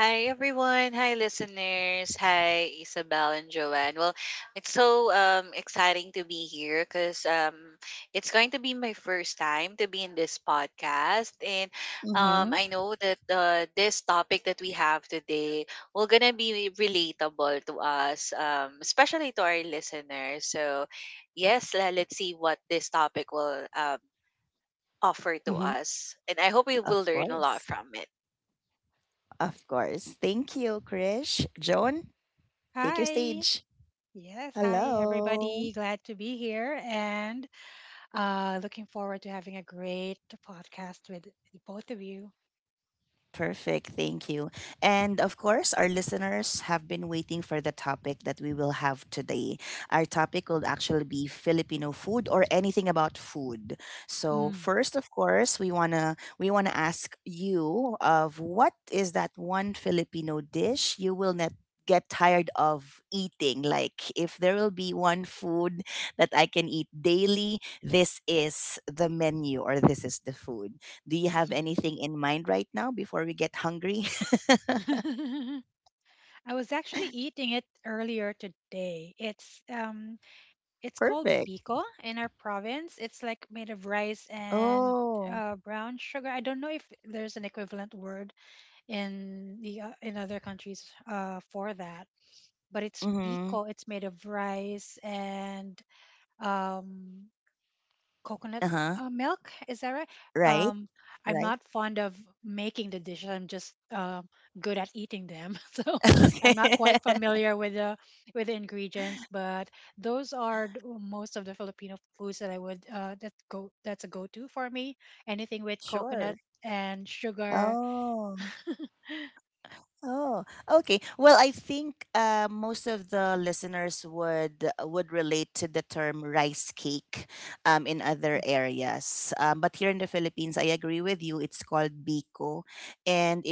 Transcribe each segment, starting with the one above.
Hi everyone, hi listeners, hi Isabel and Joanne. Well, it's so exciting to be here because it's going to be my first time to be in this podcast, and I know that this topic that we have today will gonna be relatable to us, especially to our listeners. So, yes, let's see what this topic will offer to us, and I hope we will learn a lot from it. Hi. Yes. Hi, everybody. Glad to be here and looking forward to having a great podcast with both of you. Mm. I was actually eating it earlier today. It's it's called biko in our province. It's like made of rice and brown sugar. I don't know if there's an equivalent word in the in other countries for that, but it's biko. It's made of rice and um, coconut milk. Is that right? Um, I'm not fond of making the dishes. I'm just good at eating them, so I'm not quite familiar with the ingredients. But those are most of the Filipino foods that I would that's a go to for me. Anything with coconut and sugar.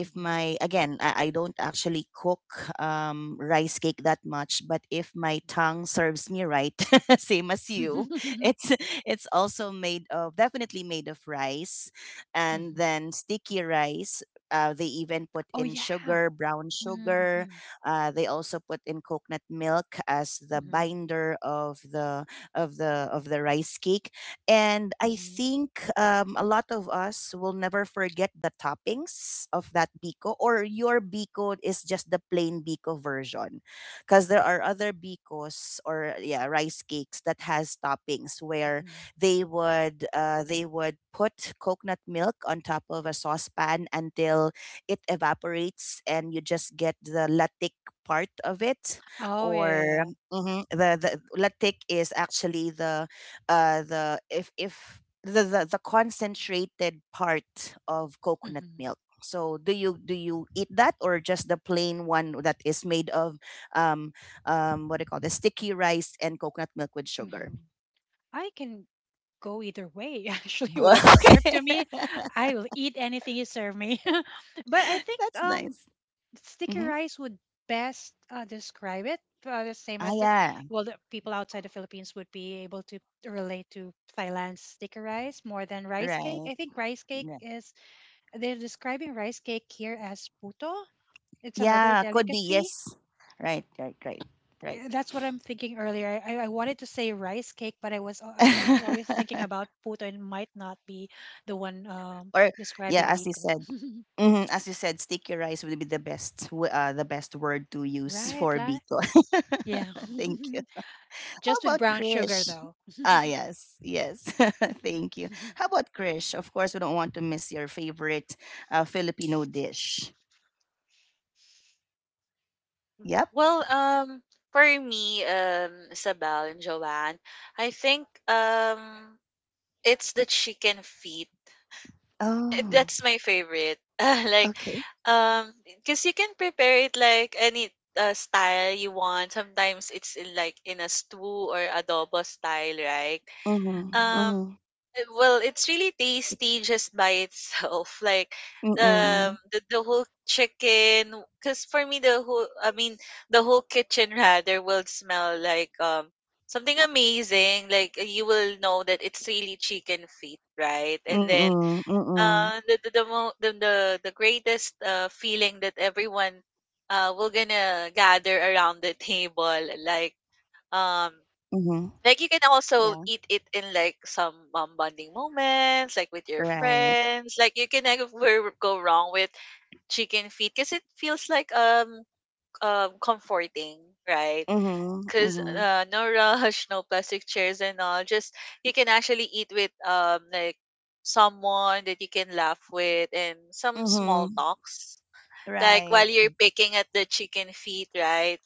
Yeah. Mhm. Oh yeah. Mm-hmm. Mm-hmm. Mhm, mhm. Oh, yeah, yeah, yeah. Mhm, mhm. I can go either way, actually. Whatever's served to me, I will eat anything you serve me. But I think sticky rice would best describe it. The same as, well, the people outside the Philippines would be able to relate to Thailand's sticky rice more than rice cake. I think rice cake is, they're describing rice cake here as puto. It's another delicacy. Yeah, that's what I'm thinking earlier. I wanted to say rice cake, but I was always thinking about puto and might not be the one describing Biko. Right, la? Yeah. Just with brown sugar though. Well, for me, Isabel and Joanne, I think it's the chicken feet. That's my favorite. Like, because you can prepare it like any style you want. Sometimes it's in, like in a stew or adobo style, right? Mhm. Um, well, it's really tasty just by itself. Like the whole chicken, because for me the whole, I mean the whole kitchen rather will smell like something amazing. Like you will know that it's really chicken feet, right? And then the mo- the greatest feeling that everyone will gonna gather around the table like. Um, like you can also eat it in like some bonding moments, like with your friends. Like you can never go wrong with chicken feet because it feels like comforting, right? Because no rush, no plastic chairs and all. Just you can actually eat with like someone that you can laugh with and some small talks. Like while you're picking at the chicken feet, right?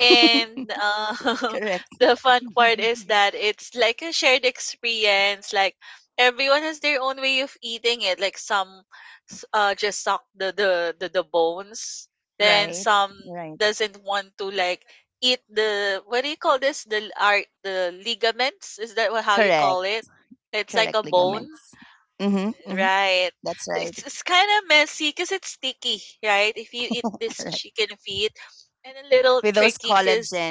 And the fun part is that it's like a shared experience. Like everyone has their own way of eating it. Like some just suck the bones. Then some doesn't want to like eat the what do you call this? The are the ligaments? Is that how you call it? It's like a bone, right? It's kind of messy because it's sticky, right? If you eat this chicken feet and a little tricky because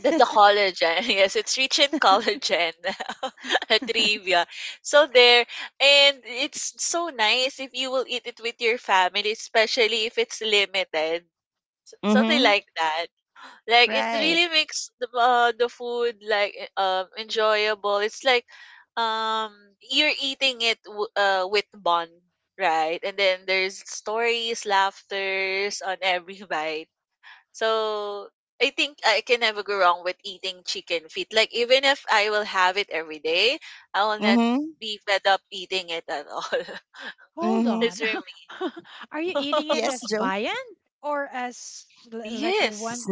the collagen, yes, it's rich in collagen, a trivia. So there, and it's so nice if you will eat it with your family, especially if it's limited, something like that. Like it really makes the food like enjoyable. It's like um you're eating it with bond, right? And then there's stories, laughters on every bite, so I think I can never go wrong with eating chicken feet. Like even if I will have it every day, I will not be fed up eating it at all. Hold That's on. for Are you me. eating it as viand or as like the Yes. one,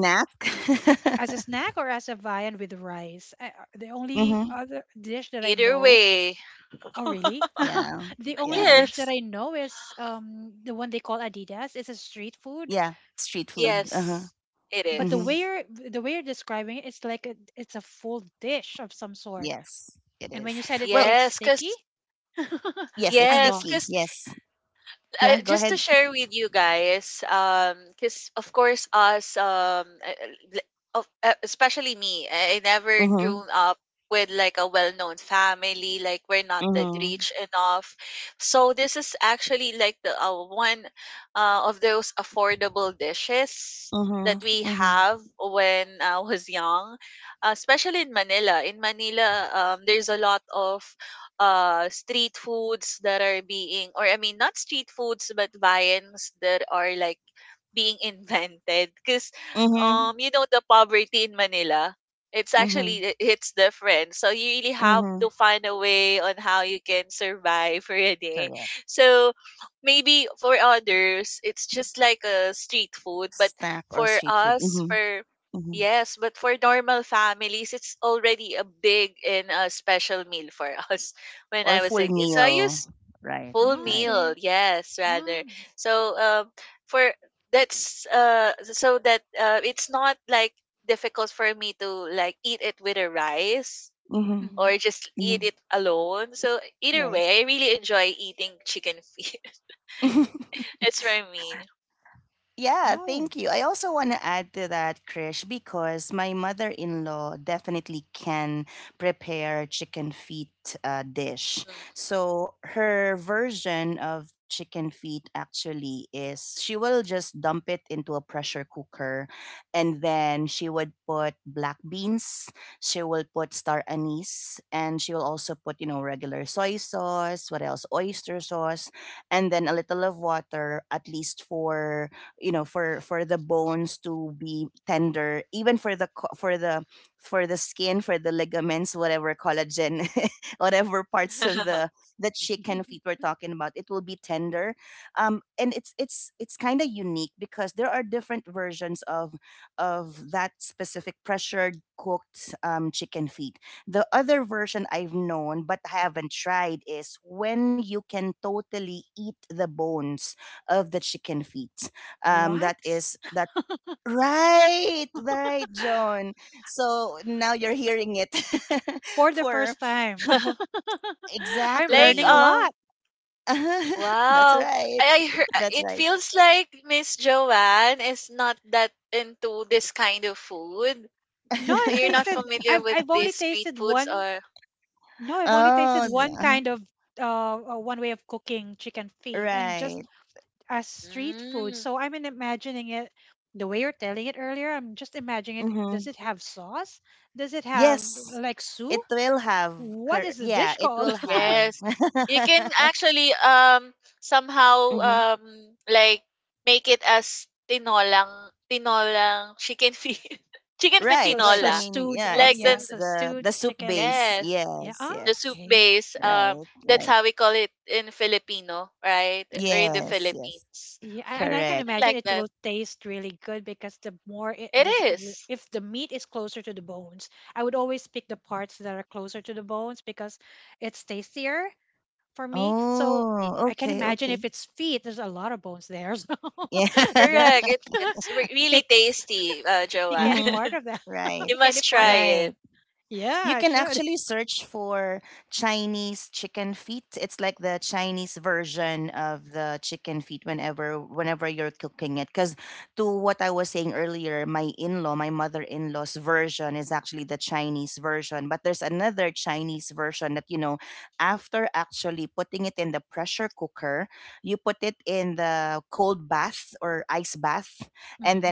as a snack or as a viand with rice? The only other dish that I Either know. way. Oh, really? The only dish that Yes. I know is the one they call Adidas. It's a street food. So, Yes. It but is. The way you're describing it, it's a full dish of some sort. And when you said it gets Yes, sticky, cause I'm yes, lost. cause just to share with you guys, because of course us, especially me, I never grew up with like a well-known family. Like we're not that rich enough, so this is actually like the one of those affordable dishes that we have when I was young, especially in Manila. In Manila, there's a lot of street foods that are being or I mean not street foods but viands that are like being invented because you know the poverty in Manila, it's actually it's different, so you really have to find a way on how you can survive for a day, so maybe for others it's just like a street food, but for us for yes but for normal families it's already a big and a special meal for us when I was a kid, so I used full Oh, meal okay. yes rather, Oh. so for that's so that it's not like difficult for me to like eat it with a rice or Mhm. just eat it alone, so either way I really enjoy eating chicken feet. It's for me. Oh. Mhm. What? For the first time. I'm Like learning a lot. wow. I heard it feels like Miss Joanne is not that into this kind of food. No, I've You're not tasted. familiar I've with I've only these street tasted foods one. or No, I've only Mm. tasted one kind of one way of cooking chicken feet and just as street food. Mm. So I'm in imagining it the way you're telling it earlier. I'm just imagining it. Does it have sauce? Does it have like soup? What is the dish called? Yes. You can actually somehow like make it as tinolang chicken feet, chicken feet So so tinola. stewed. Like Yeah, then so stewed chicken. yes, Yeah. Ah, the soup okay. base that's how we call it in Filipino, right? Or in the Philippines. Yeah, and I can Something imagine like it that. will taste really good because the more it, It the- is. if the meat is closer to the bones, I would always pick the parts that are closer to the bones because it's tastier for me. So Y- I can imagine if it's feet, there's a lot of bones there. So that, Correct. It's really pick tasty, pick Joanne. any part of that. You Pick any must part try of that. it. Yeah, I should. Mm-hmm.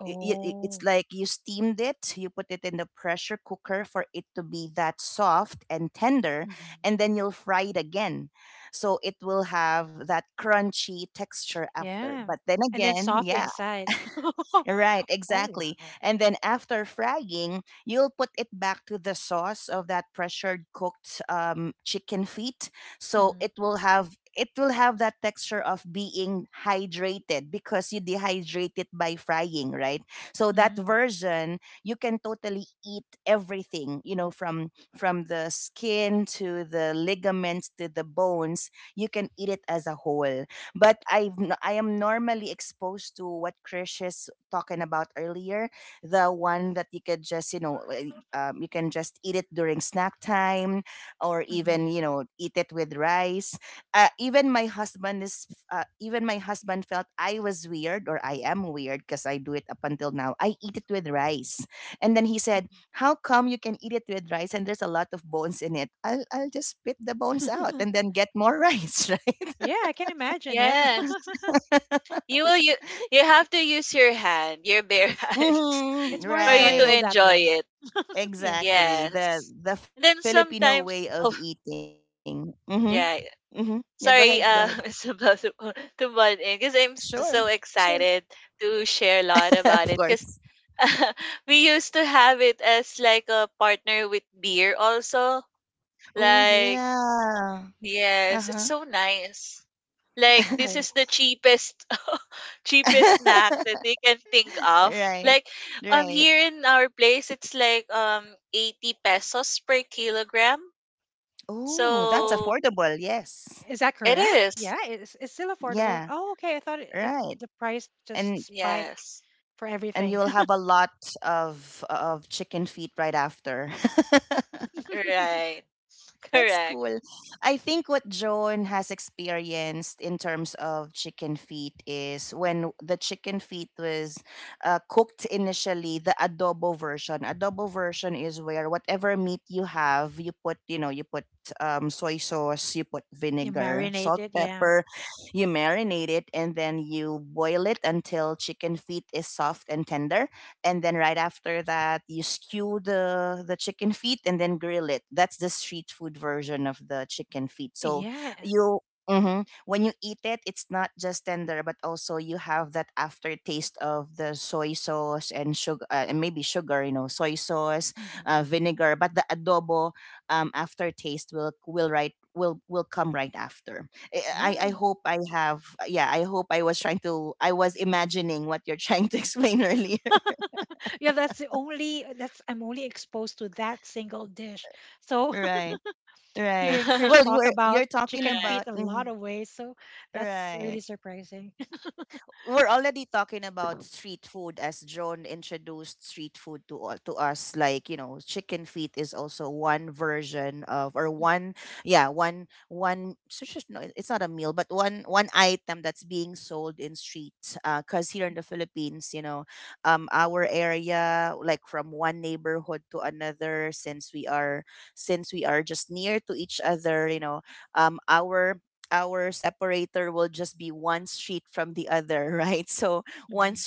Oh. Mm-hmm. Yeah. And then soft inside. Oh wow. Mm-hmm. Mm-hmm. Mm-hmm. Yeah, I can imagine it. Yes. You will you you have to use your hand, your bare hands, It's more for you enjoyable to that enjoy way. it. Yeah. Yes. And then sometimes, oh yeah. Sorry, Miss Bell, to butt in because I'm just so excited to share a lot about it. Because we used to have it as like a partner with beer also. Like yes, it's so nice. Like this Okay. is the cheapest cheapest snack that they can think of. Like here in our place it's like 80 pesos per kilogram. So Is that it current? is. Yeah, it's still affordable. Oh, okay. I thought it, it the price just spiked Yes. for everything. Right. Correct. You marinate it, yeah, yeah, hmm, yeah, yeah. That's the only that's I'm only exposed to that single dish. So hearing Right. Krish talk about chicken feet a lot of ways, so that's really surprising. Hmm.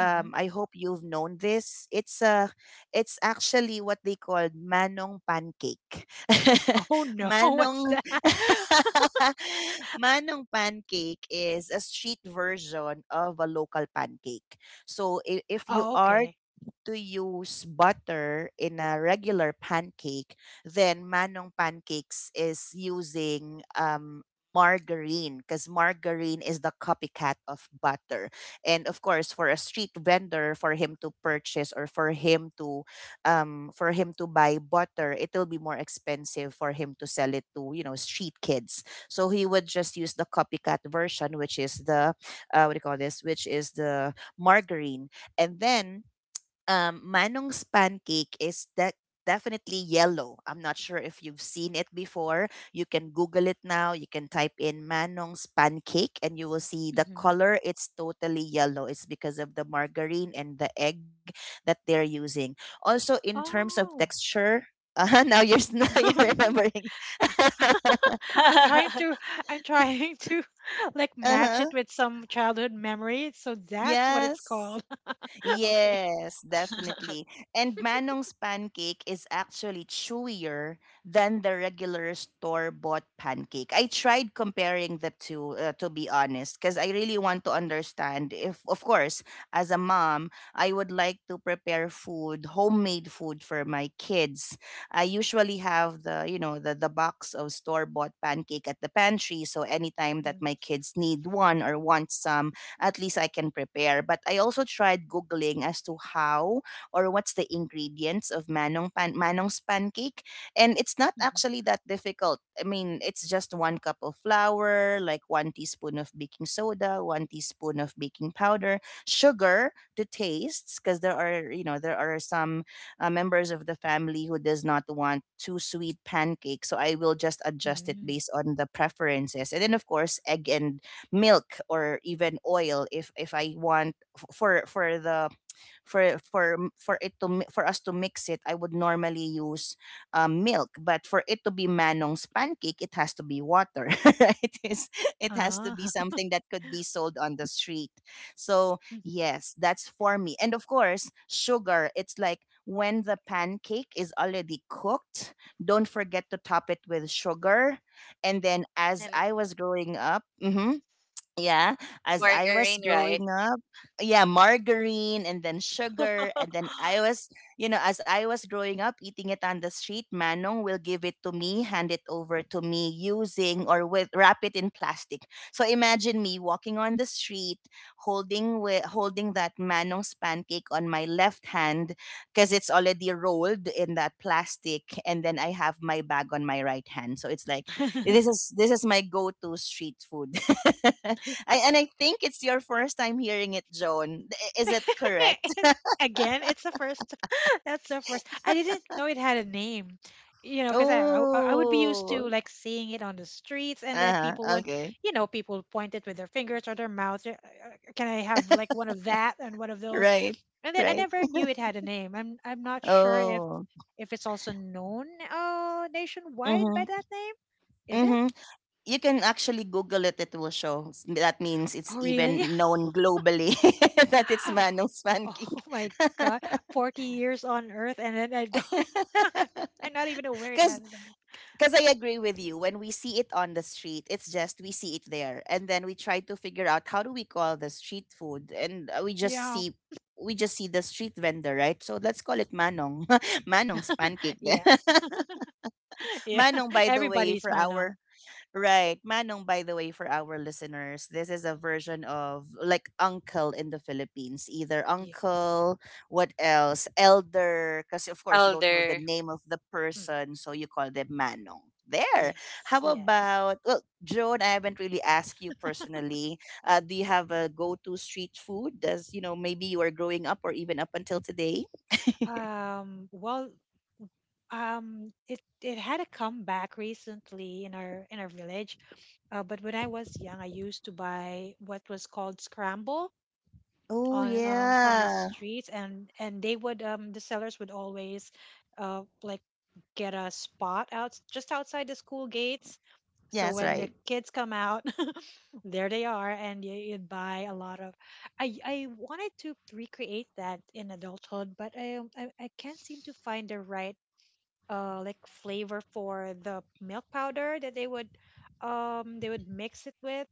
Hmm. Oh no, what's that? Oh okay. Hmm. Oh. I'm trying to I'm trying to like match it with some childhood memory, so that's what it's called. Okay. Mm, mhm, mm. Ah. And margarine, right? Mhm. And again, it's the first. That's the first. I didn't know it had a name. You know, because I would be used to like seeing it on the streets, and then people would, you know, people point it with their fingers or their mouth. Can I have like one of that and one of those? And then I never knew it had a name. I'm not sure if it's also known nationwide by that name. Is it? Oh really? Oh my god. 40 years on earth and then I don't I'm not even aware it has a name. Yeah. Yeah. Yeah. Everybody's Manong. Yes. Mhm. Elder. Mhm. Yes. Yes. Well, it had a comeback recently in our village. But when I was young, I used to buy what was called scramble on from the streets, and they would the sellers would always uh, like get a spot out just outside the school gates. So when the kids come out, there they are, and you'd buy a lot of. I wanted to recreate that in adulthood, but I I can't seem to find the right like flavor for the milk powder that they would mix it with.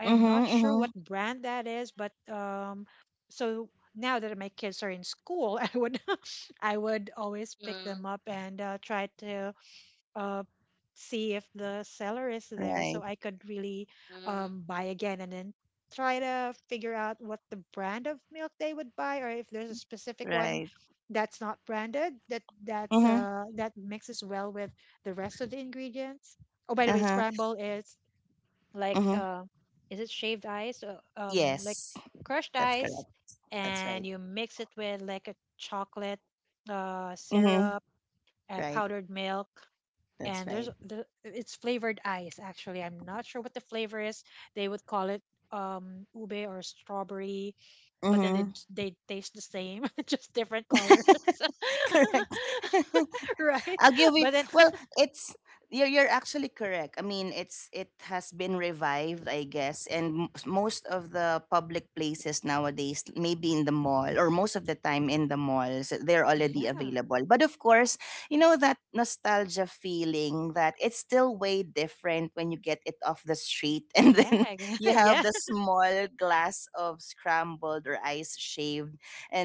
I am not sure what brand that is, but so now that my kids are in school, I would I would always pick Mm-hmm. them up and try to uh, see if the seller is there, so I could really buy again and then try to figure out what the brand of milk they would buy, or if there's a specific one that's not branded that that mixes well with the rest of the ingredients. Oh by the way, scramble is like is it shaved ice, like crushed ice, and you mix it with like a chocolate syrup and powdered milk, and there's the it's flavored ice. Actually, I'm not sure what the flavor is. They would call it ube or strawberry, but then they taste the same, just different colors. Right, but then yeah, yeah,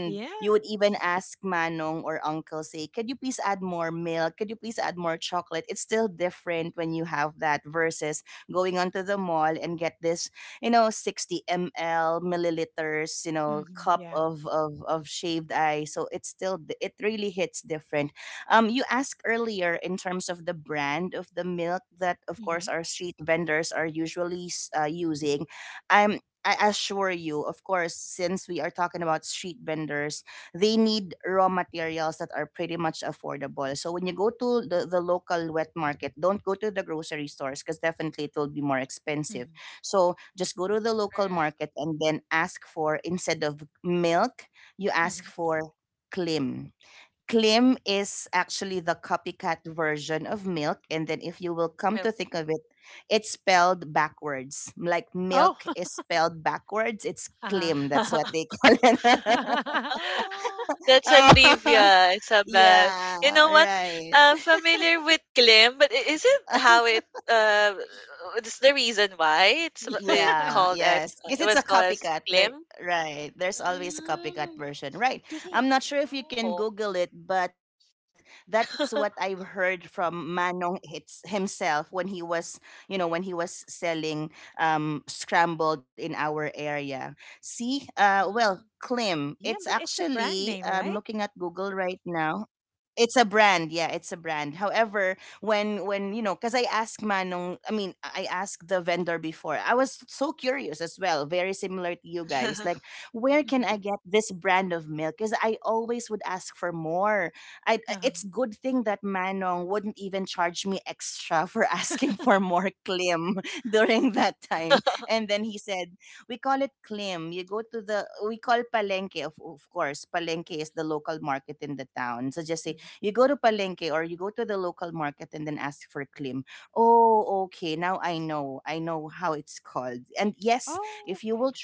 yeah, hmm, yeah, hmm. Mm, Correct. mhm. Milk. Oh, uh-huh. Oh, that's a trivia, Isabel. You know what? I'm familiar with Klim, but is it how it it's the reason why it's Yeah. it called as it was called as Klim? Mm. Do they? Oh. Mm. Yeah, but it's a brand name, right? Mhm. Uh-huh. Mhm. Oh, okay.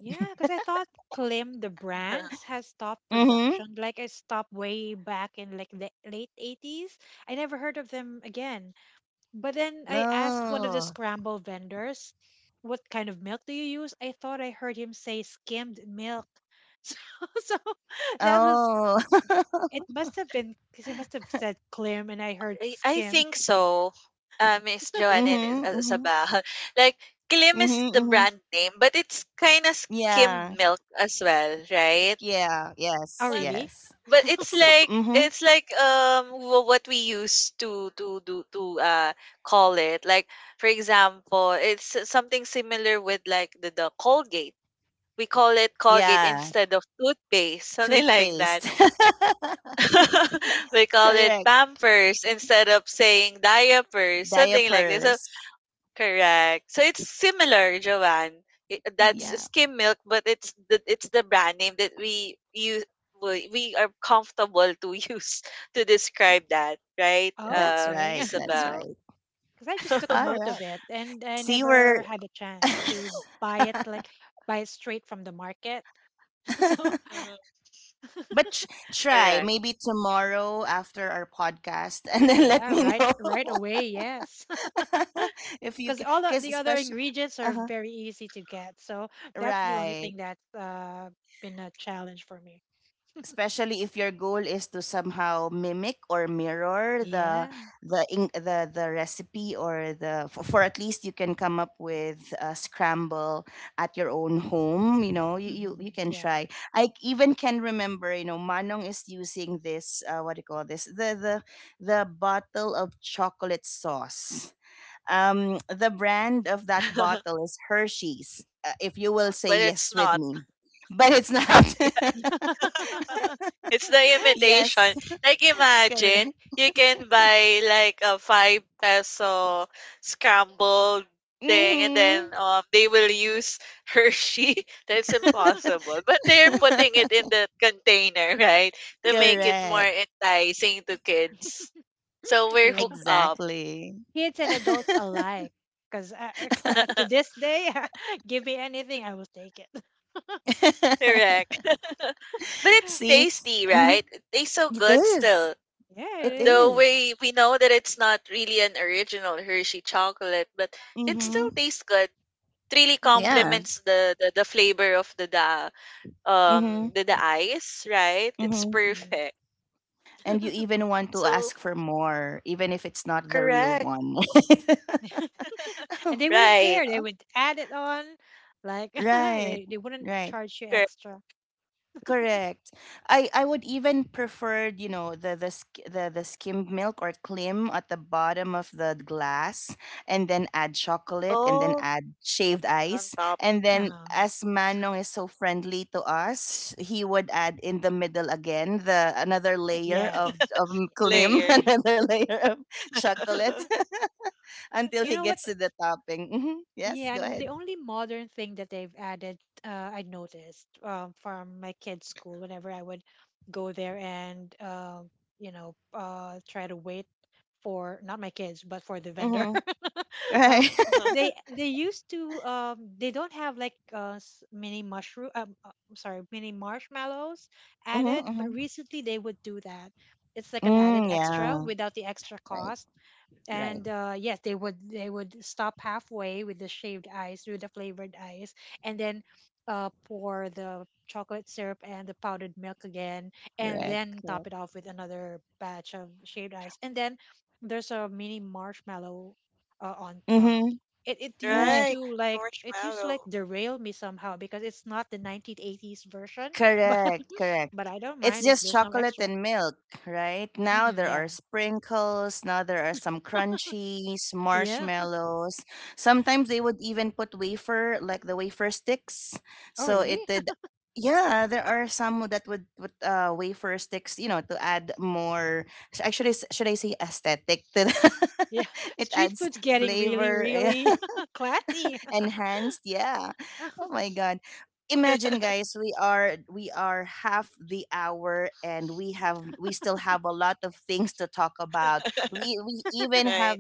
Yeah, because I thought Klim, the brands, has stopped production. Like it stopped way back in like the late 80s. I never heard of them again. But then I asked one of the Mm. scramble vendors, what kind of milk do you use? I thought I heard him say skimmed milk. So, so that was. It must have been because he must have said Klim and I heard I skim. think so. Miss Joanne and Isabel. Like Klim is the brand name, but it's kind of skimmed milk as well, right? Oh, But really? but it's like what we used to do to call it like, for example, it's something similar with like the Colgate. We call it Colgate instead of toothpaste, something like that. We call it Pampers instead of saying diapers, something like this. So correct. So it's similar, Joanne. That's Hmm. skim milk, but it's the brand name that we use. We are comfortable to use to describe that, right, Oh, okay. Isabel? Because I just took note of it and I never had a chance to buy it, like buy it straight from the market. So, Mhm. Correct. yeah, right, right away, yes. Because all of the other ingredients are very easy to get. So, that's the only thing that's been a challenge for me. Yeah. Hmm. Yeah. But it's not. It's the Uh, imitation. Like imagine you can buy like a five peso scrambled thing and then they will use Hershey. That's impossible. But they're putting it in the container, right? To make it more enticing to kids. So we're yeah, hooked up. kids and adults alike, because to this day give me anything, I will take it. Correct. But it's tasty, right? It tastes so good still. Yeah, it is. Though we know that it's not really an original Hershey chocolate, but it still tastes good. It really Mhm. complements the flavor of the da um the ice, right? It's Mhm. perfect. So correct, And they wouldn't right? care, they would add it on, like they wouldn't charge you Correct. extra. Oh, on top No. Yes. Yeah. layer, You know what, yeah, and the only modern thing that they've added, I noticed from my kids' school whenever I would go there and, you know, try to wait for not my kids, but for the vendor. um, they used to they don't have like mini mushroom, I'm sorry, mini marshmallows added, but recently they would do that. It's like an added extra without the extra cost, and yes, they would stop halfway with the shaved ice, with the flavored ice, and then pour the chocolate syrup and the powdered milk again, and then top it off with another batch of shaved ice, and then there's a mini marshmallow on top. Right? It used to like Marshmallow, derail me somehow because it's not the 1980s version, but but I don't mind if there's no extra. Hmm, yeah, yeah. Oh really? Yeah, street food's getting really, really classy. right?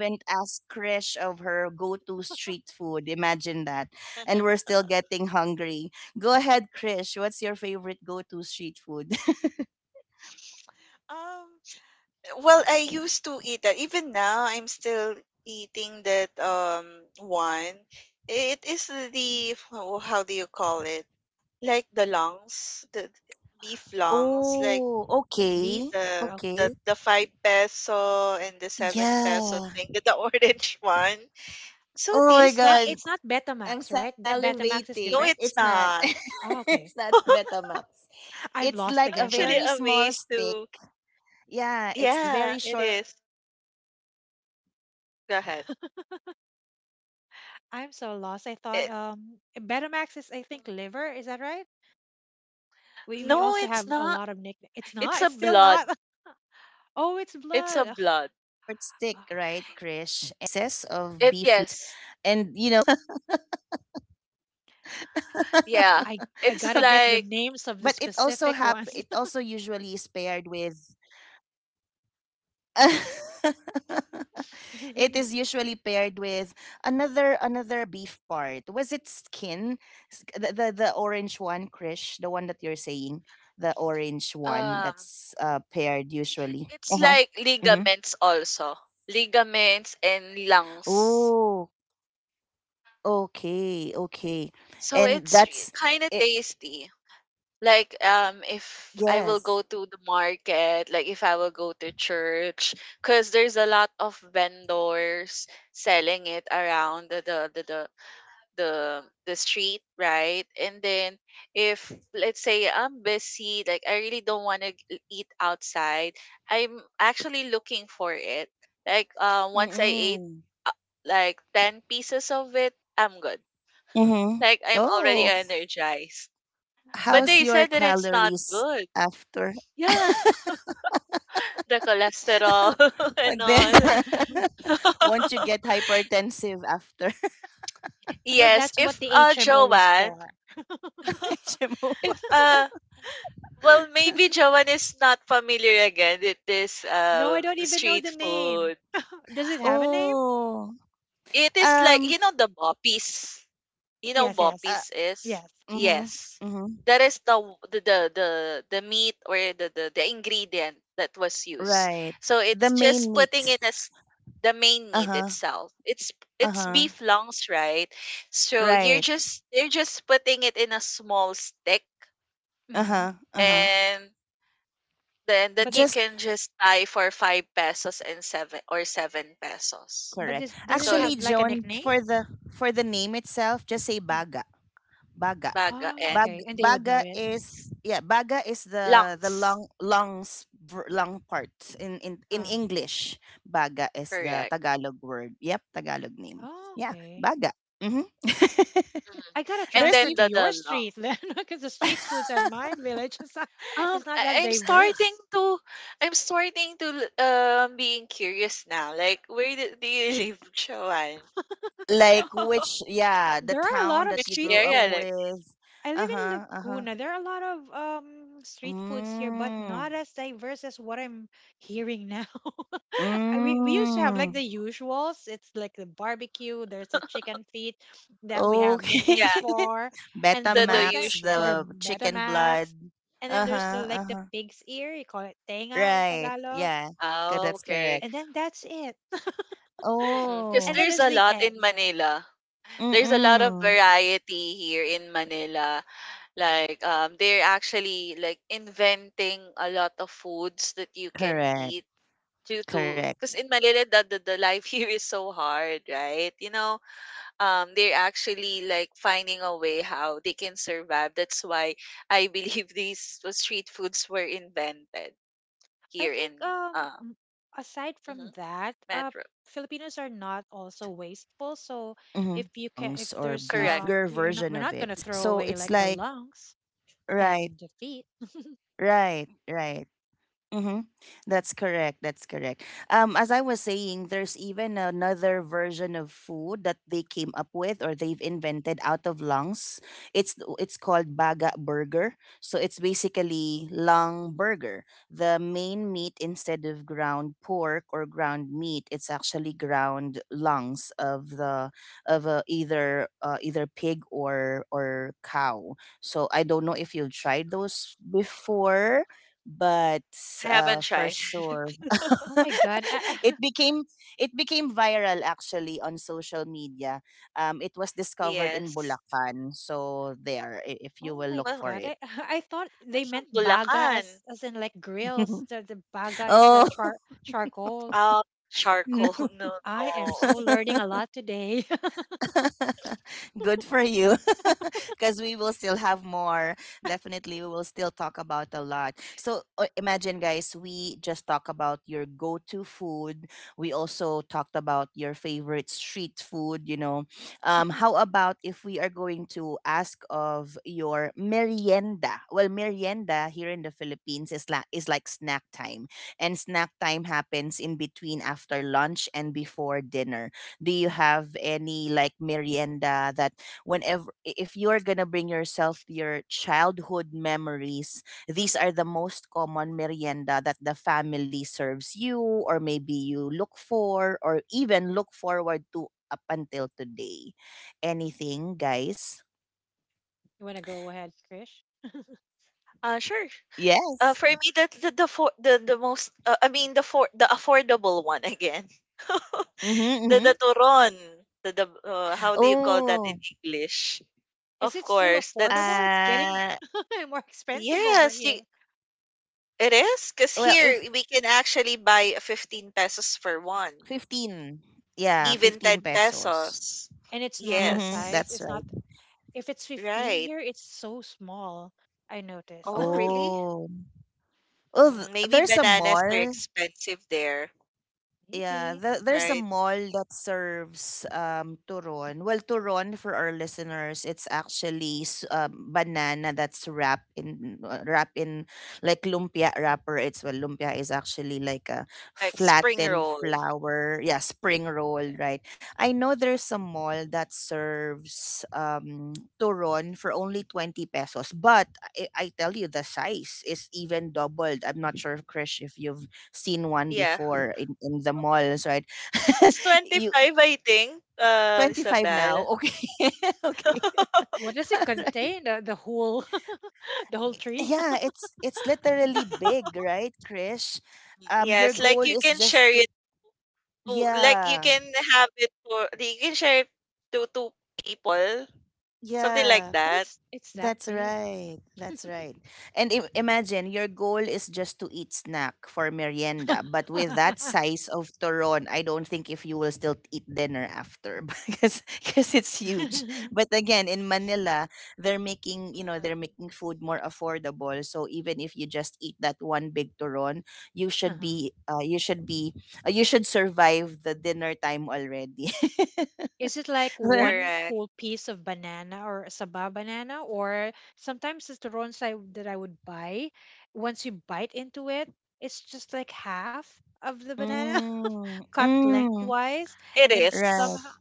Um, well, I used to eat that. Even now, I'm still eating that one. It is the oh, how do you call it? Like the lungs, the beef lungs, like Beef. Okay. The five peso and the seven peso thing, the orange one. So It's not. tasty. It's not Betamax, right? That Betamax is No, different. it's not. Oh, okay. I'm I'm lost again. actually Sorry. amazed to. Yeah, it is. Go ahead. I'm so lost. I thought It, Betamax is I think liver. Is that right? We no, also it's have a not. lot of nicknames. It's It's not. a It's still blood. not. Oh, it's It's blood. a Ugh, blood. ah, It yes. Yeah. I It's gotta get the like names of the specific ones. um it's like ligaments also. Ligaments and lungs. So it's kind of tasty. Like if I will go to the market, like if I will go to church cuz there's a lot of vendors selling it around the street, right? And then if let's say I'm busy, like I really don't want to eat outside, I'm actually looking for it. Like once I ate uh, like 10 pieces of it I'm good, like I'm already energized, but they said that it's not good. Yeah, the cholesterol and all. Well, Yes, that's what if the HMO is Joanne, for. if well, maybe Joanne is not familiar again with this No, I don't even know street the name. food. Does it have a name? It is like you know the boppies. You know Yes, yes, boppies is yes. yes. That is the the meat or the ingredient that was used. So it's just putting in as the main meat itself. It's beef lungs, right? So you're just they're just putting it in a small stick Hmm. and then But that you can just buy for 5 pesos and 7 or 7 pesos. but this, does it So have like a nickname? Mm. baga Oh, and okay, and they would know it. lungs. Uh, Correct. oh, okay. Mhm. I gotta And transfer then to the your lung. street then, because the street foods at mine village is not, Um, it's not I, that I'm starting diverse. to, I'm starting to being curious now. Like, where do, do you live, Shawan? There are a lot of Which street area? food. Like, I live in Laguna. There are a lot of street foods here, but not as diverse as what I'm hearing now. We used to have like the usuals. It's like the barbecue. There's the chicken feet that we have nicknames yeah, for, and the the one time the usual. Metamax, and then there's the like the pig's ear. You call it tenga in Tagalog, Oh, okay. and then that's it. Because And then there's there's a the lot in eggs, right? Manila. There's a lot of variety here in Manila. Like they're actually like inventing a lot of foods that you can eat due to because in Manila the life here is so hard, right? You know, they're actually like finding a way how they can survive. That's why I believe these street foods were invented I here in think um uh m- aside from mhm, that, uh Metro. Filipinos are not also wasteful. So if there's Correct. You're not we're not gonna throw away like the lungs and the feet. I haven't tried. Oh my god. Yes. oh my Well, god. I I thought I'm they meant from baga Bulacan. As in like grills. The baga is the charcoal. Um, charcoal. No, I am no. so learning a lot today. You want to go ahead, Krish? Sure. For me, that's the most I mean the for the affordable one again. The turon. The Mhm. how do you call that in English? Is Of it still course, that's affordable? It's getting more expensive over yes. here. It is because here we can actually buy a 15 pesos for one, even Oh, 10 pesos. and it's normal Yes, size. It's not, if it's 15 right. here, it's so small. I noticed. Oh, really? Yeah, Maybe bananas are expensive there, maybe. right? Like spring roll. Yeah. It's 25, I think, Isabel. What does it contain? The whole the whole tree? Yes, like you can share it to, like you can have it for, you can share it to two people, something like Oh, that. it's that big. Uh-huh. Mhm. Is it like one Correct. full piece of banana or sabah banana, or sometimes it's the turons that I would buy, once you bite into it, it's just like half of the banana cut lengthwise, It and then somehow is.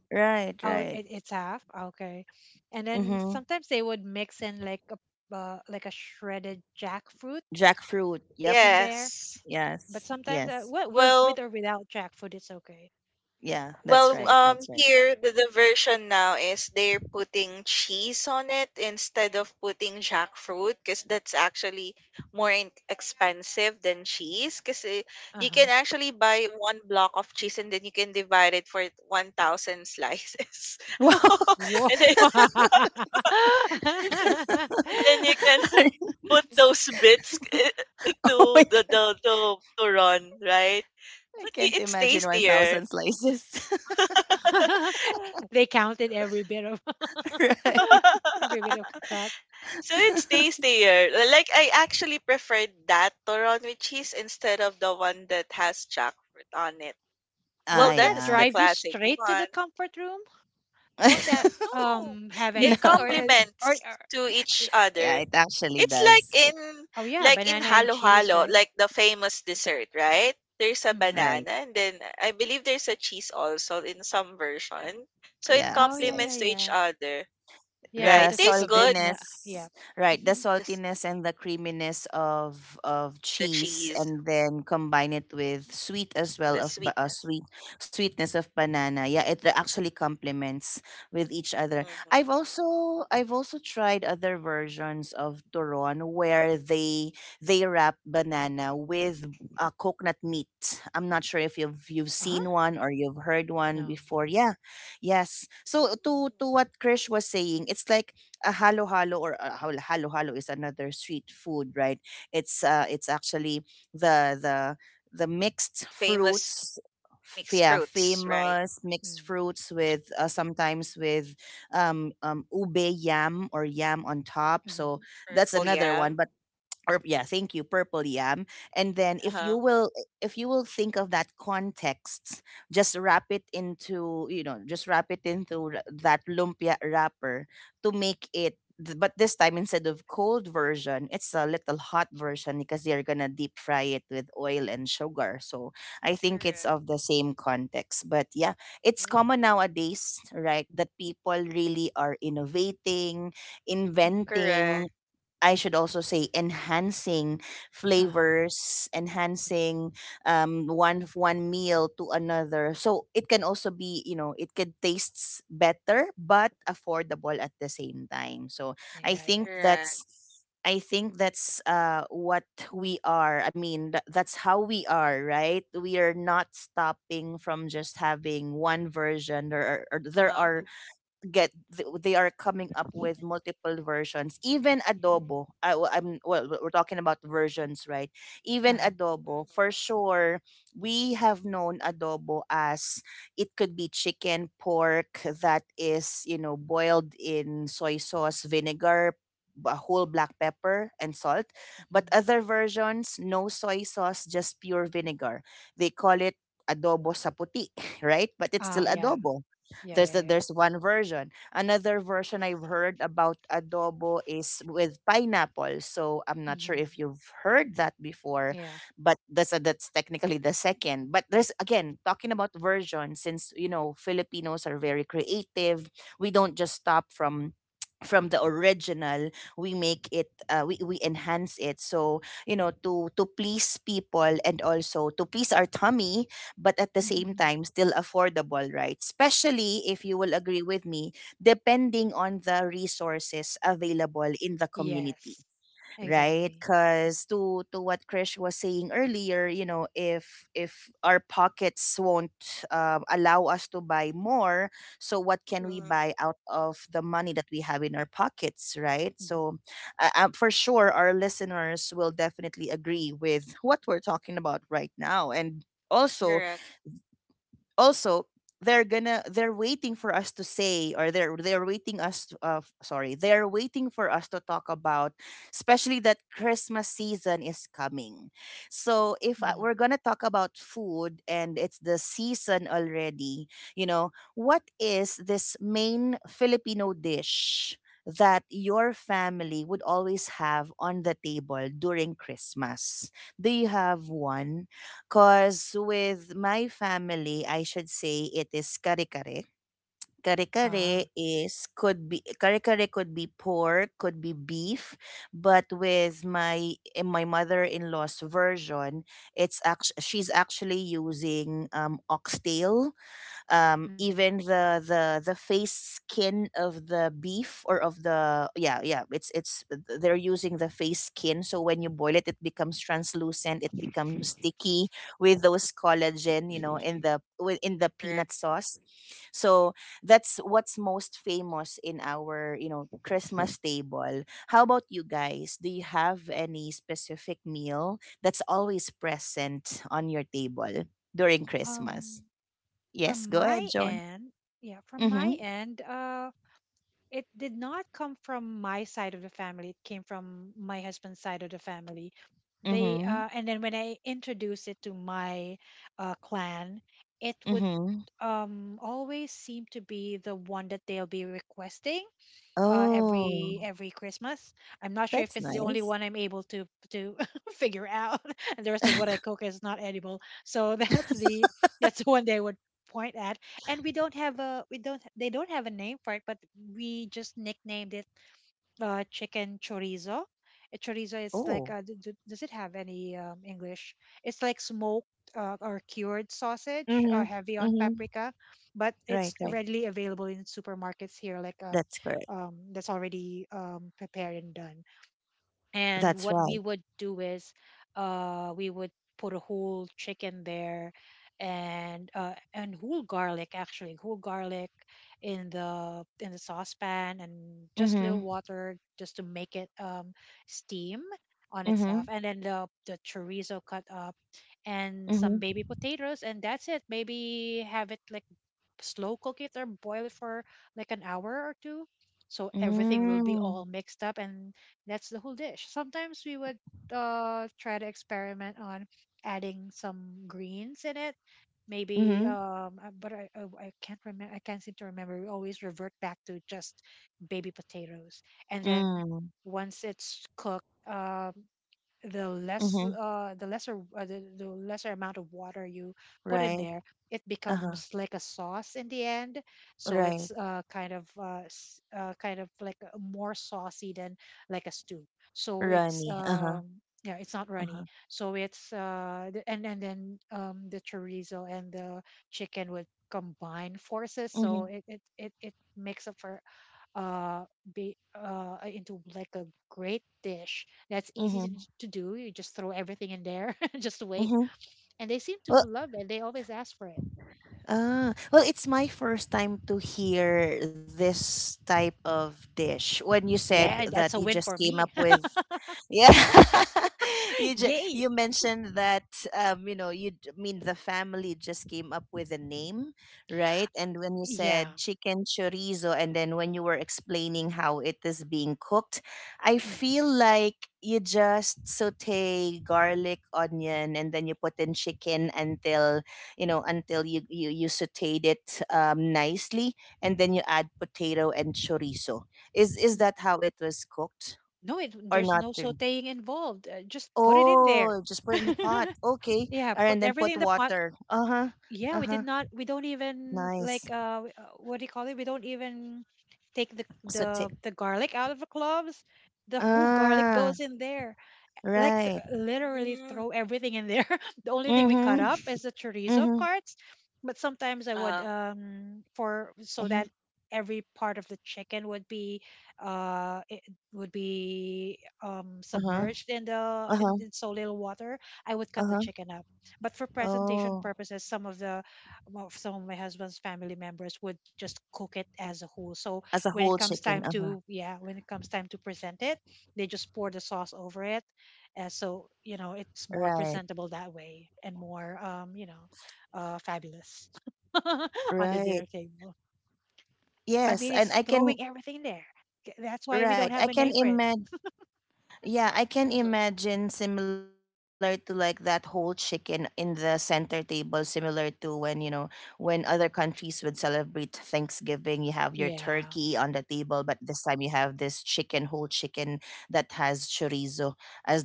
oh it's half okay, and then sometimes they would mix in like a shredded jackfruit in there. Yes. But sometimes, well, Well, with or without jackfruit, it's okay. It's Well, just, um, here the version now is they're putting cheese on it instead of putting jackfruit because that's actually more expensive than cheese. Because uh you can huh. actually buy one block of cheese and then you can divide it for 1,000 slices, Whoa. and then you can put those bits to the to run right. But it's tastier. They counted every bit of every bit of cut. So it's tastier. Like I actually preferred that Toron with cheese instead of the one that has jackfruit on it. Well, Won't that that is the drive you classic straight to the one. comfort room? Won't that No, have it anything or or, complements or to eh, each other. It's like in oh yeah, like in banana and halo cheese, halo, right? like the famous dessert, right? There's a Hmm. banana and then I believe there's a cheese also in some version. So it Oh yeah, yeah, complements to each yeah. other, Yeah, come right? to think Tastes of it, good. yeah, yeah. The, s- the cheese, the sweetness. Mm-hmm. Huh? No. Famous mixed fruits, right? Mm. Mhm. Purple Yeah. yam. Uh huh. Correct. Mm. Mhm. Correct. Uh-huh. Mm. Yeah, yeah. Correct. Uh huh. Uh-huh. Mhm. Ah, yeah. Yeah, yeah, yeah. Mm-hmm. Mm-hmm. Mhm. Yeah. Mm. Yes. Exactly. Mm-hmm. Mhm. Mm. Correct. Mm. Ah, okay. Mhm. Mm-hmm. Correct. Um, from my end, yeah, from my end, it did not come from my side of the family, it came from my husband's side of the family. They and then when I introduced it to my clan, it would always seem to be the one that they'll be requesting every Christmas. I'm not sure if it's the only one I'm able to figure out, and the rest of what I cook is not edible. So that's the one they would point at. And we don't have a we don't they don't have a name for it, but we just nicknamed it chicken chorizo. Chorizo is like, uh, does it have any English? It's like smoked or cured sausage, heavy on paprika, but it's readily available in supermarkets here, like that's already prepared and done. And what we would do is, we would put a whole chicken there, and whole garlic, actually, whole garlic in the saucepan, and just little water just to make it steam on itself, and then the chorizo cut up, and some baby potatoes, and that's it. Maybe have it like slow cook it or boil it for like an hour or two, so everything will be all mixed up, and that's the whole dish. Sometimes we would try to experiment on adding some greens in it. Maybe, I can't remember. I can't seem to remember. We always revert back to just baby potatoes, and then once it's cooked, the less the lesser amount of water you put in there, it becomes like a sauce in the end. So it's kind of like more saucy than like a stew. So it's yeah, it's not runny. So it's and then the chorizo and the chicken would combine forces, so it makes up for uh, into like a great dish that's easy to do. You just throw everything in there, just wait. And they seem to love it. They always ask for it. Yeah, that's a win for me. Yay. Yeah. Mm. No, there's no sauteing involved. Just put it in there. Yeah, put everything in the pot. Yeah, we did not, we don't even like, what do you call it? We don't even take the garlic out of the cloves. The whole garlic goes in there. Like literally Mm. throw everything in there. The only thing we cut up is the chorizo parts, but sometimes I would Uh for so that every part of the chicken would be it would be submerged in in so little water. I would cut the chicken up, but for presentation purposes, some of the well, some of my husband's family members would just cook it as a whole. So when it comes time to yeah, when it comes time to present it, they just pour the sauce over it, so you know it's more presentable that way and more you know, fabulous on the dinner table. I mean, it's throwing everything there. That's why we don't have a name for it. Yeah.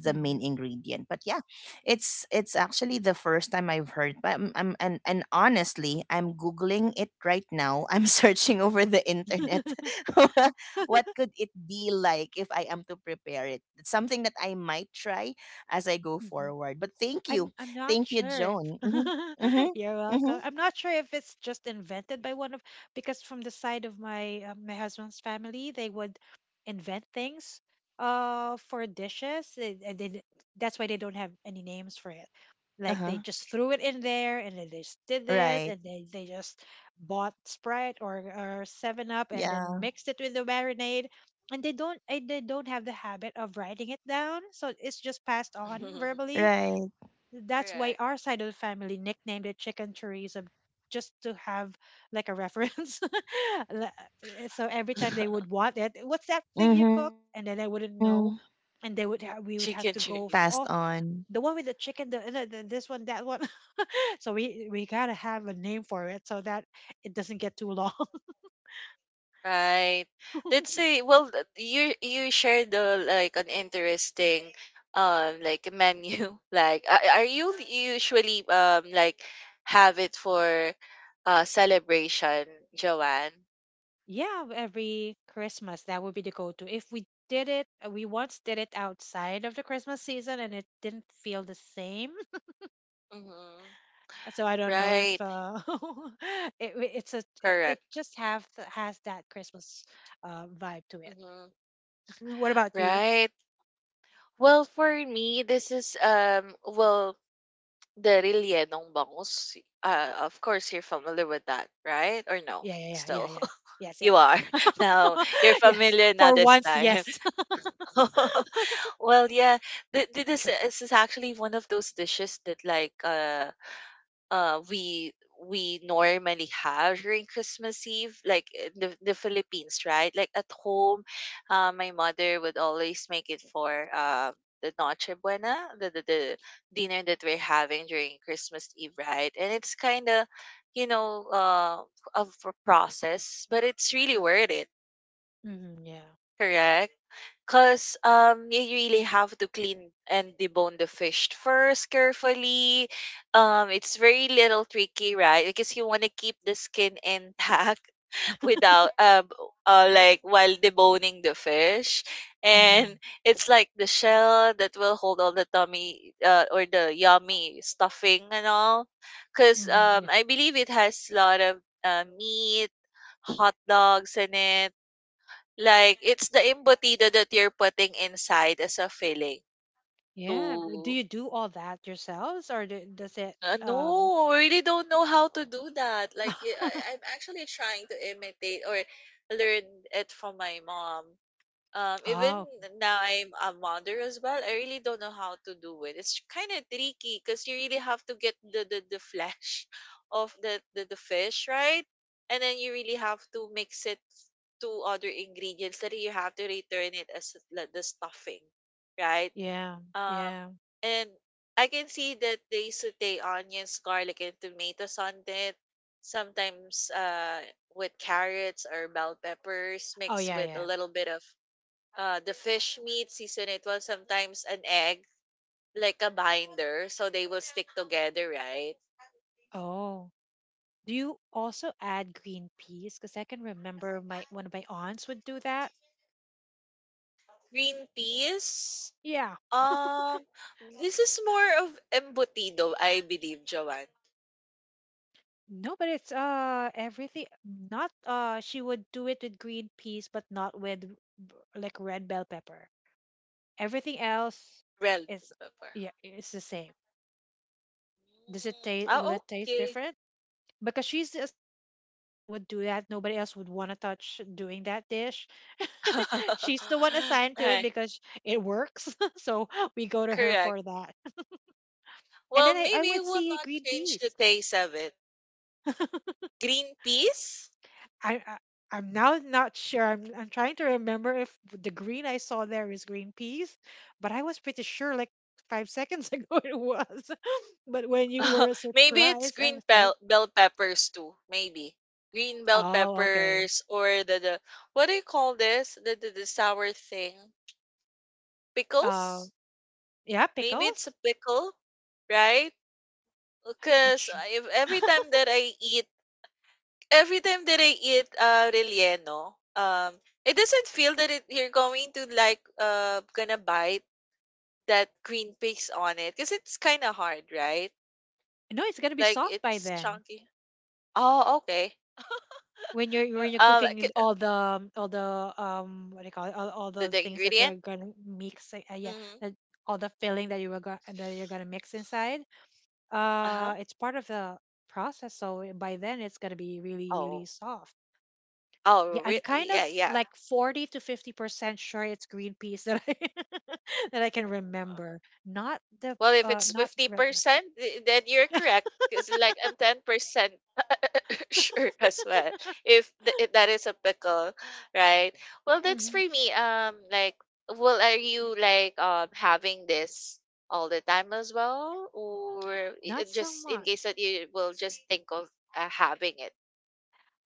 Mhm. Mhm. I'm not sure if you're welcome. I'm not sure if it's just invented by one of because from the side of my my husband's family, they would invent things for dishes. That's why they don't have any names for it. Like they just threw it in there, and then they just did this, and they just bought Sprite or Seven Up, and then mixed it with the marinade. And they don't have the habit of writing it down, so it's just passed on huh. verbally. That's why Correct. our side of the family nicknamed it chicken chorizo, just to have like a reference. Le- so every time they would want it, what's that thing you cook? And then I wouldn't know. And we would have Chicken to go f cheese. oh, the one with the chicken the this one that one. So we gotta have a name for it, so that it doesn't get too long. Right. Let's say, well, you shared the like an interesting like menu. Like, are you usually like have it for celebration, Joanne? Yeah, every Christmas that would be the go-to. If we did it we once did it outside of the Christmas season and it didn't feel the same, Mm-hmm. so I don't know Right. if it, it's a it Correct. just have has that Christmas vibe to it. Mm-hmm. What about you? Right. Well, for me, this is well the rellenong bangus. Of course, you're familiar with that, right? Or Yeah, no? yeah, yeah, yeah, yeah. Still. Yes, yes, You are. Now, you're yes. familiar For now this once, time. yes. Well, yeah, this is actually one of those dishes that like uh we we normally have during Christmas Eve, like the Philippines, right? Like at home, my mother would always make it for the Noche Buena, the dinner that we're having during Christmas Eve, right? And it's kind of, you know, uh of a process, but it's really worth it. Hmm, yeah. Correct. Because you really have to clean and debone the fish first carefully. It's very little tricky, right? Because you want to keep the skin intact without like while deboning the fish, Hmm. and it's like the shell that will hold all the tummy or the yummy stuffing and all. Because Hmm, yeah. I believe it has a lot of meat, hot dogs in it like, it's the empathy that you're putting inside as a feeling Yeah. Do to you do all that yourselves, or do, does it? Um... no, I really don't know how to do that. Like, I am actually trying to imitate or learn it from my mom. Even oh, now I'm a mother as well, I really don't know how to do it. It's kind of tricky because you really have to get the flesh of the fish, right? And then you really have to mix it to other ingredients that you have to return it as like the stuffing, right? yeah, Um, yeah. and I can see that they saute onions, garlic, and tomatoes on it. Sometimes with carrots or bell peppers Oh, mixed yeah, with a yeah. little bit of the fish meat, season it well, sometimes an egg, like a binder, so they will stick together, right? Oh, do you also add green peas? Because I can remember my one of my aunts would do that. Green peas. Yeah. Um, this is more of embutido, I believe, Joanne. No, but it's everything not she would do it with green peas but not with like red bell pepper. Everything else Well, is pepper. yeah, it's the same. Does it taste Ah, will it taste okay. different? Because she's the assigned aunt that would do that. Nobody else would want to touch doing that dish. She's the one assigned to it Right, because it works. So we go to her correct. for that. And Well, then I maybe would it will see not green change the peas. taste of it. Green peas? I, I I'm now not sure. I'm trying to remember if the green I saw there is green peas, but I was pretty sure like 5 seconds ago it was. But when you were maybe it's surprised, I green was started. bell, bell peppers too. Maybe green bell Oh, okay. peppers or the what do you call this? The sour thing Um, pickles. yeah, Maybe it's a pickles. pickle, right? I'm not Because sure. if every time that I eat, every time that I eat relleno, it doesn't feel that it, you're going to like gonna bite that green piece on it because it's kind of hard, right? No, it's gonna be Like soft by it's then. chunky. Oh, okay. Well, When you're Um, cooking all the what do you call it, all The the the things that ingredient? you're gonna mix yeah, Mm-hmm. that all the filling that that you're gonna mix inside Uh-huh. It's part of the process. So by then it's going to be really really Oh. soft. Yeah, Oh, I'm kind of yeah, yeah. like 40 to 50% sure it's green peas that I that I can Oh, remember, not the well, if it's not red pepper. 50%, then you're correct. Because, like, I'm 10% sure as well. If that is applicable, right? Well, that's for Mhm. me. Like, well, are you, like, having this all the time as well? Or not so just in case much that you will just think of having it?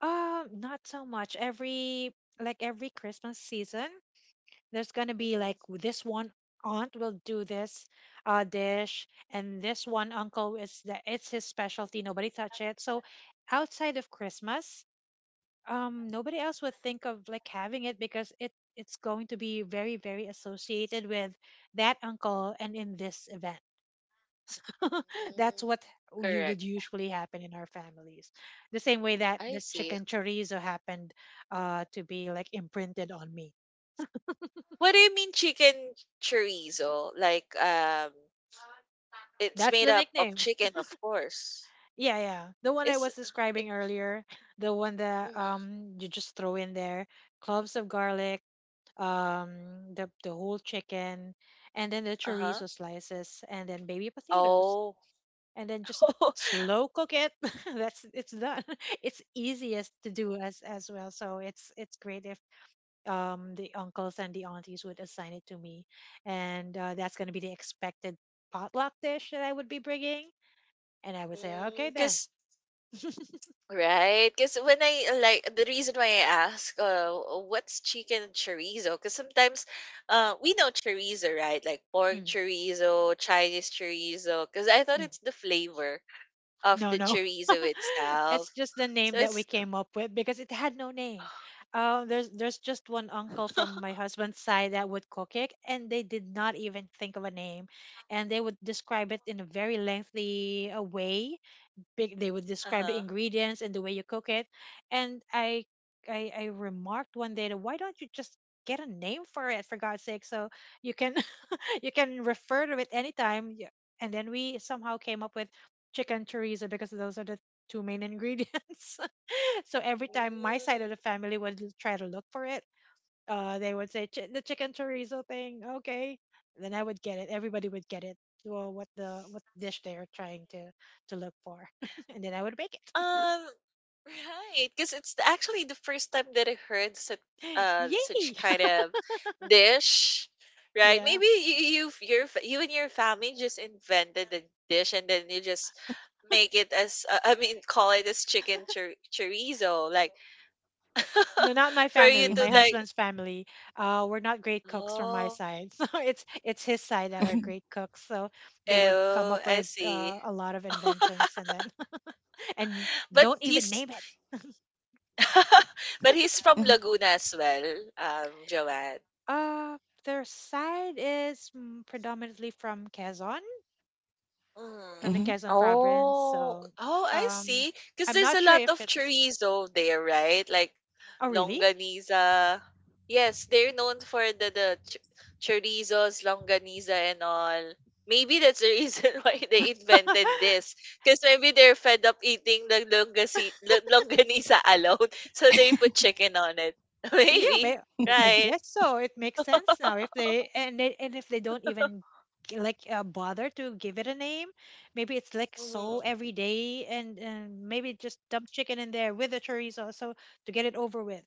Not so much every, like, every Christmas season there's gonna be Mhm. like this one aunt will do this dish, and this one uncle is that it's his specialty. Nobody touch it. So outside of Christmas, nobody else would think of like having it because it's going to be very associated with that uncle and in this event. That's Mm, what you would correct. usually happen in our families. The same way that I the see. chicken chorizo happened to be like imprinted on me. What do you mean chicken chorizo? Like it's That's made the up of nickname. chicken, of course. Yeah, yeah. The one I It's was describing earlier, the one that mm you just throw in there, cloves of garlic, the whole chicken, and then the uh-huh. chorizo slices, and then baby potatoes, Oh. and then just slow cook it. That's it's done. It's easiest to do as well. So it's great if the uncles and the aunties would assign it to me, and that's gonna be the expected potluck dish that I would be bringing, and I would say okay then. Cause right, cause when I like the reason why I ask, what's chicken and chorizo? Cause sometimes, we know chorizo, right? Like pork Mhm. chorizo, Chinese chorizo. Cause I thought it's the flavor of No, the no. chorizo It's itself. just the name So that we it's came up with because it had no name. There's just one uncle from my husband's side that would cook it, and they did not even think of a name, and they would describe it in a very lengthy way, big they would describe the uh-huh. ingredients and the way you cook it and I remarked one day that why don't you just get a name for it for god's sake so you can you can refer to it anytime and then we somehow came up with chicken chorizo because those are the two main ingredients. So every time my side Mm. of the family would try to look for it, they would say, "Chi- the chicken chorizo thing, okay." And then I would get it. Everybody would get it. Well, what dish they are trying to look for, and then I would make Um, right, because it's actually the first time that I heard such it. Such Yay! kind of dish, right? Yeah. Maybe you and your family just invented the dish and then you just make it as I mean call it as chicken chorizo, like No, not my for you family. to My Mhm, like husband's family. We're not great cooks from my oh side. So it's his side that are mhm, great cooks. So they would come oh up I with see. A lot of inventions and then and but don't even he's name it. But he's from mhm, Laguna as well, Joanne. Uh, their side is predominantly from Quezon, from Mm. the mhm, Quezon province. Oh, So oh, I um, see. Because I'm there's not a sure lot if of it's. chorizo there, right? Like Oh, really? longaniza. Yes, they're known for chorizos, longaniza, and all. Maybe that's the reason why they invented this. Because maybe they're fed up eating the longaniza alone. So they put chicken on it. Yeah, may, Maybe, I right? guess so. It makes sense now if they and they, and if they don't even bother to give it a name, maybe it's like so Mm-hmm. every day and maybe just dump chicken in there with the chorizo so to get it over with.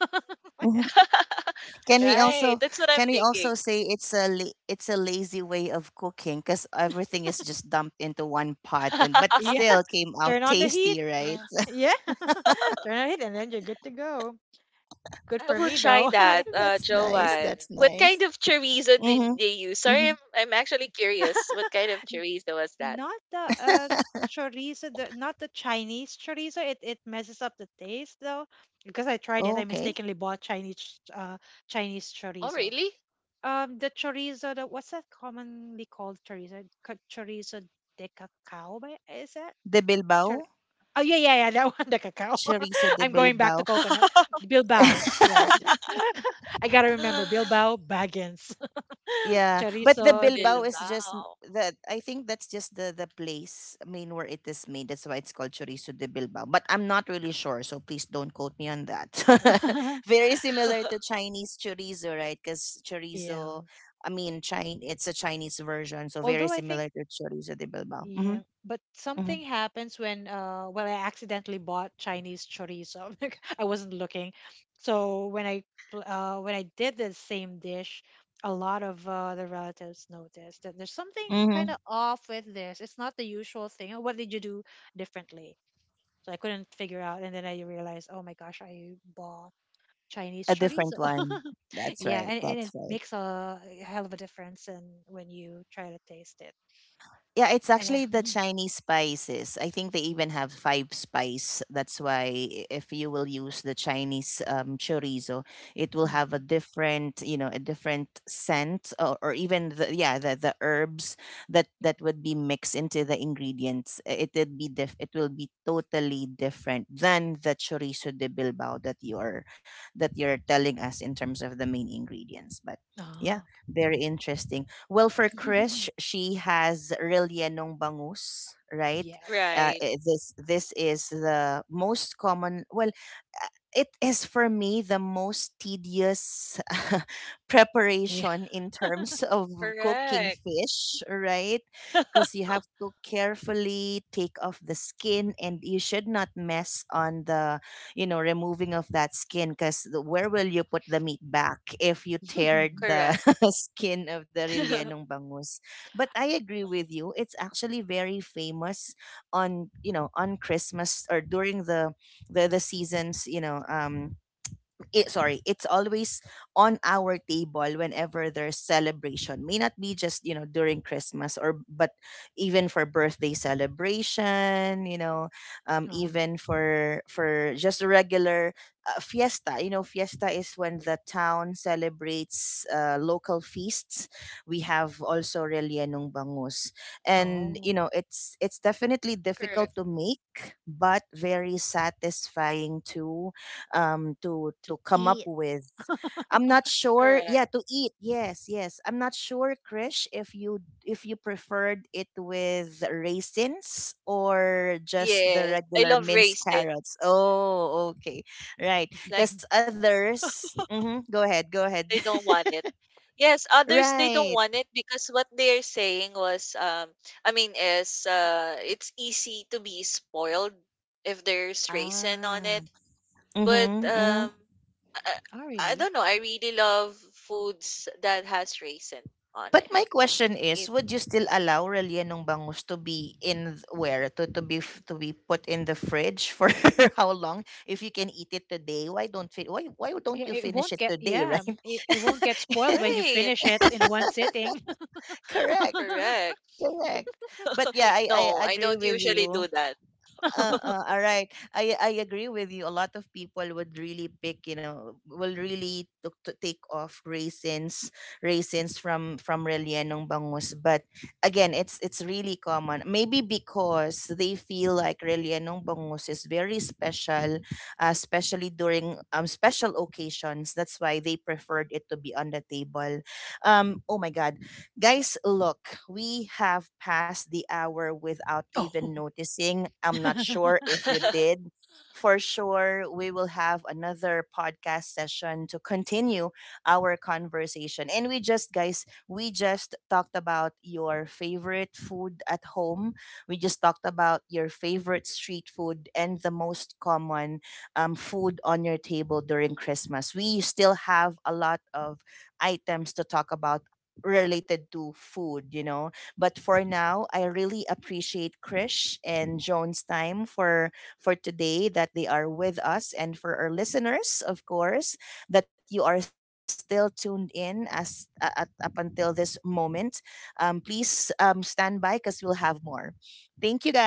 mhm. Can we Right, also that's what I'm can we thinking. also say it's it's a lazy way of cooking because everything is just dumped into one pot and but Yeah, still came out turn on the heat. tasty, Yeah, right? yeah. Turn on the heat and then you're good to go. Good I for will me try though. That's that, nice. That's Joanne. nice. What kind of chorizo Mm-hmm. did they Mm-hmm. use? Sorry, I'm actually curious. What kind of chorizo was that? Not the chorizo, the not the Chinese chorizo, it messes up the taste though, because I tried it. I Oh, mistakenly okay. bought Chinese Chinese Oh, chorizo. really? The chorizo, the what's that commonly called chorizo, chorizo de cacao by, is that De Chor- Bilbao, oh yeah yeah yeah that one, the cacao. chorizo de I'm going back Bilbao. to coconut. Bilbao, yeah. I gotta remember Bilbao Baggins. Yeah, but the Chorizo de Bilbao Bilbao. is Bilbao. that I think that's just the place, I mean, where it is made. That's why it's called chorizo de Bilbao. But I'm not really sure, so please don't quote me on that. Very similar to Chinese chorizo, right? Because Yeah, chorizo, I mean, Chin it's a Chinese version, so very although I think, similar to chorizo de Bilbao. Mm-hmm, yeah, but mm-hmm, something happens when I accidentally bought Chinese chorizo. Like, I wasn't looking. So when I pl- when I did the same dish, a lot of the relatives noticed that there's something kind mm-hmm. of off with this. It's not the usual thing. "Oh, what did you do differently?" So I couldn't figure out, and then I realized, "Oh my gosh, I bought Chinese A chorizo." different one. That's Yeah, right. And That's it right. makes a hell of a difference in when you try to taste it. Yeah, it's And yeah. actually the Mhm. Chinese spices. I think they even have five spice. That's why if you will use the Chinese chorizo, it will have a Mhm, different, you know, a different scent, or even the herbs that mhm. would be mixed into the ingredients. It would be It will be totally different than the chorizo de Bilbao that you're telling us in terms of the main ingredients. But yeah, Oh. very interesting. Well, for Krish, she has Rillianong Bangus, right? Yes. Right. This this is the most common. Well, it is for me the most tedious Yeah. preparation in terms of cooking Correct. fish, right? Because you have to carefully take off the skin, and you should not mess on the you know removing of that skin because where will you put the meat back if you tear the Correct. skin of the rilyenong bangus, but I agree Mm. with you, it's actually very famous on you know on Christmas or during the seasons, you know. It's always on our table whenever there's celebration. May not be just, you know, during Christmas or but even for birthday celebration, you know, Uh-huh. even for just a regular fiesta. You know, fiesta is when the town celebrates local feasts. We have also Relienong Bangus. And Oh, you know, it's definitely difficult Correct. to make but very satisfying to to come up eat. with. I'm not sure. Correct. Yeah, to eat. Yes, yes. I'm not sure, Krish, if you preferred it with raisins or just the Yes. I regular love minced carrots. raisins. Oh, okay. Right. Like, Cuz others, mhm, go ahead. Go ahead. they don't want it. Yes, others they don't right. want it because what they're saying was I mean is it's easy to be spoiled if there's raisin on Ah. it. But Mhm. I, Oh, I really? don't know, I really love foods that has raisin on it. But my question is, It would you still allow Rellenong Bangus to be in th- where? To, to be put in the fridge for how long? If you can eat it today, why don't It, you it won't finish it get, today, yeah, right? It won't get spoiled when you right, finish it in one sitting. correct. correct. Correct. But yeah, No, I I agree don't with usually do you. that. All right. I agree with you. A lot of people would really pick, you know, will really took to take off raisins, raisins from Rellenong Bangus. But again, it's really common. Maybe because they feel like Rellenong Bangus is very special, especially during special occasions. That's why they preferred it to be on the table. Oh my God. Guys, look, we have passed the hour without even Oh. noticing. I'm not sure if you did. For sure, we will have another podcast session to continue our conversation. And we just, guys, we just talked about your favorite food at home. We just talked about your favorite street food and the most common food on your table during Christmas. We still have a lot of items to talk about related to food, you know. But for now, I really appreciate Krish and Joan's time for today that they are with us, and for our listeners, of course, that you are still tuned in as up until this moment. Please stand by because we'll have more. Thank you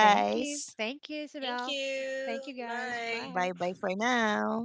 Thank you. Thank you, Thank Isabel. you. Thank you, guys. Bye Bye. Bye. bye for now.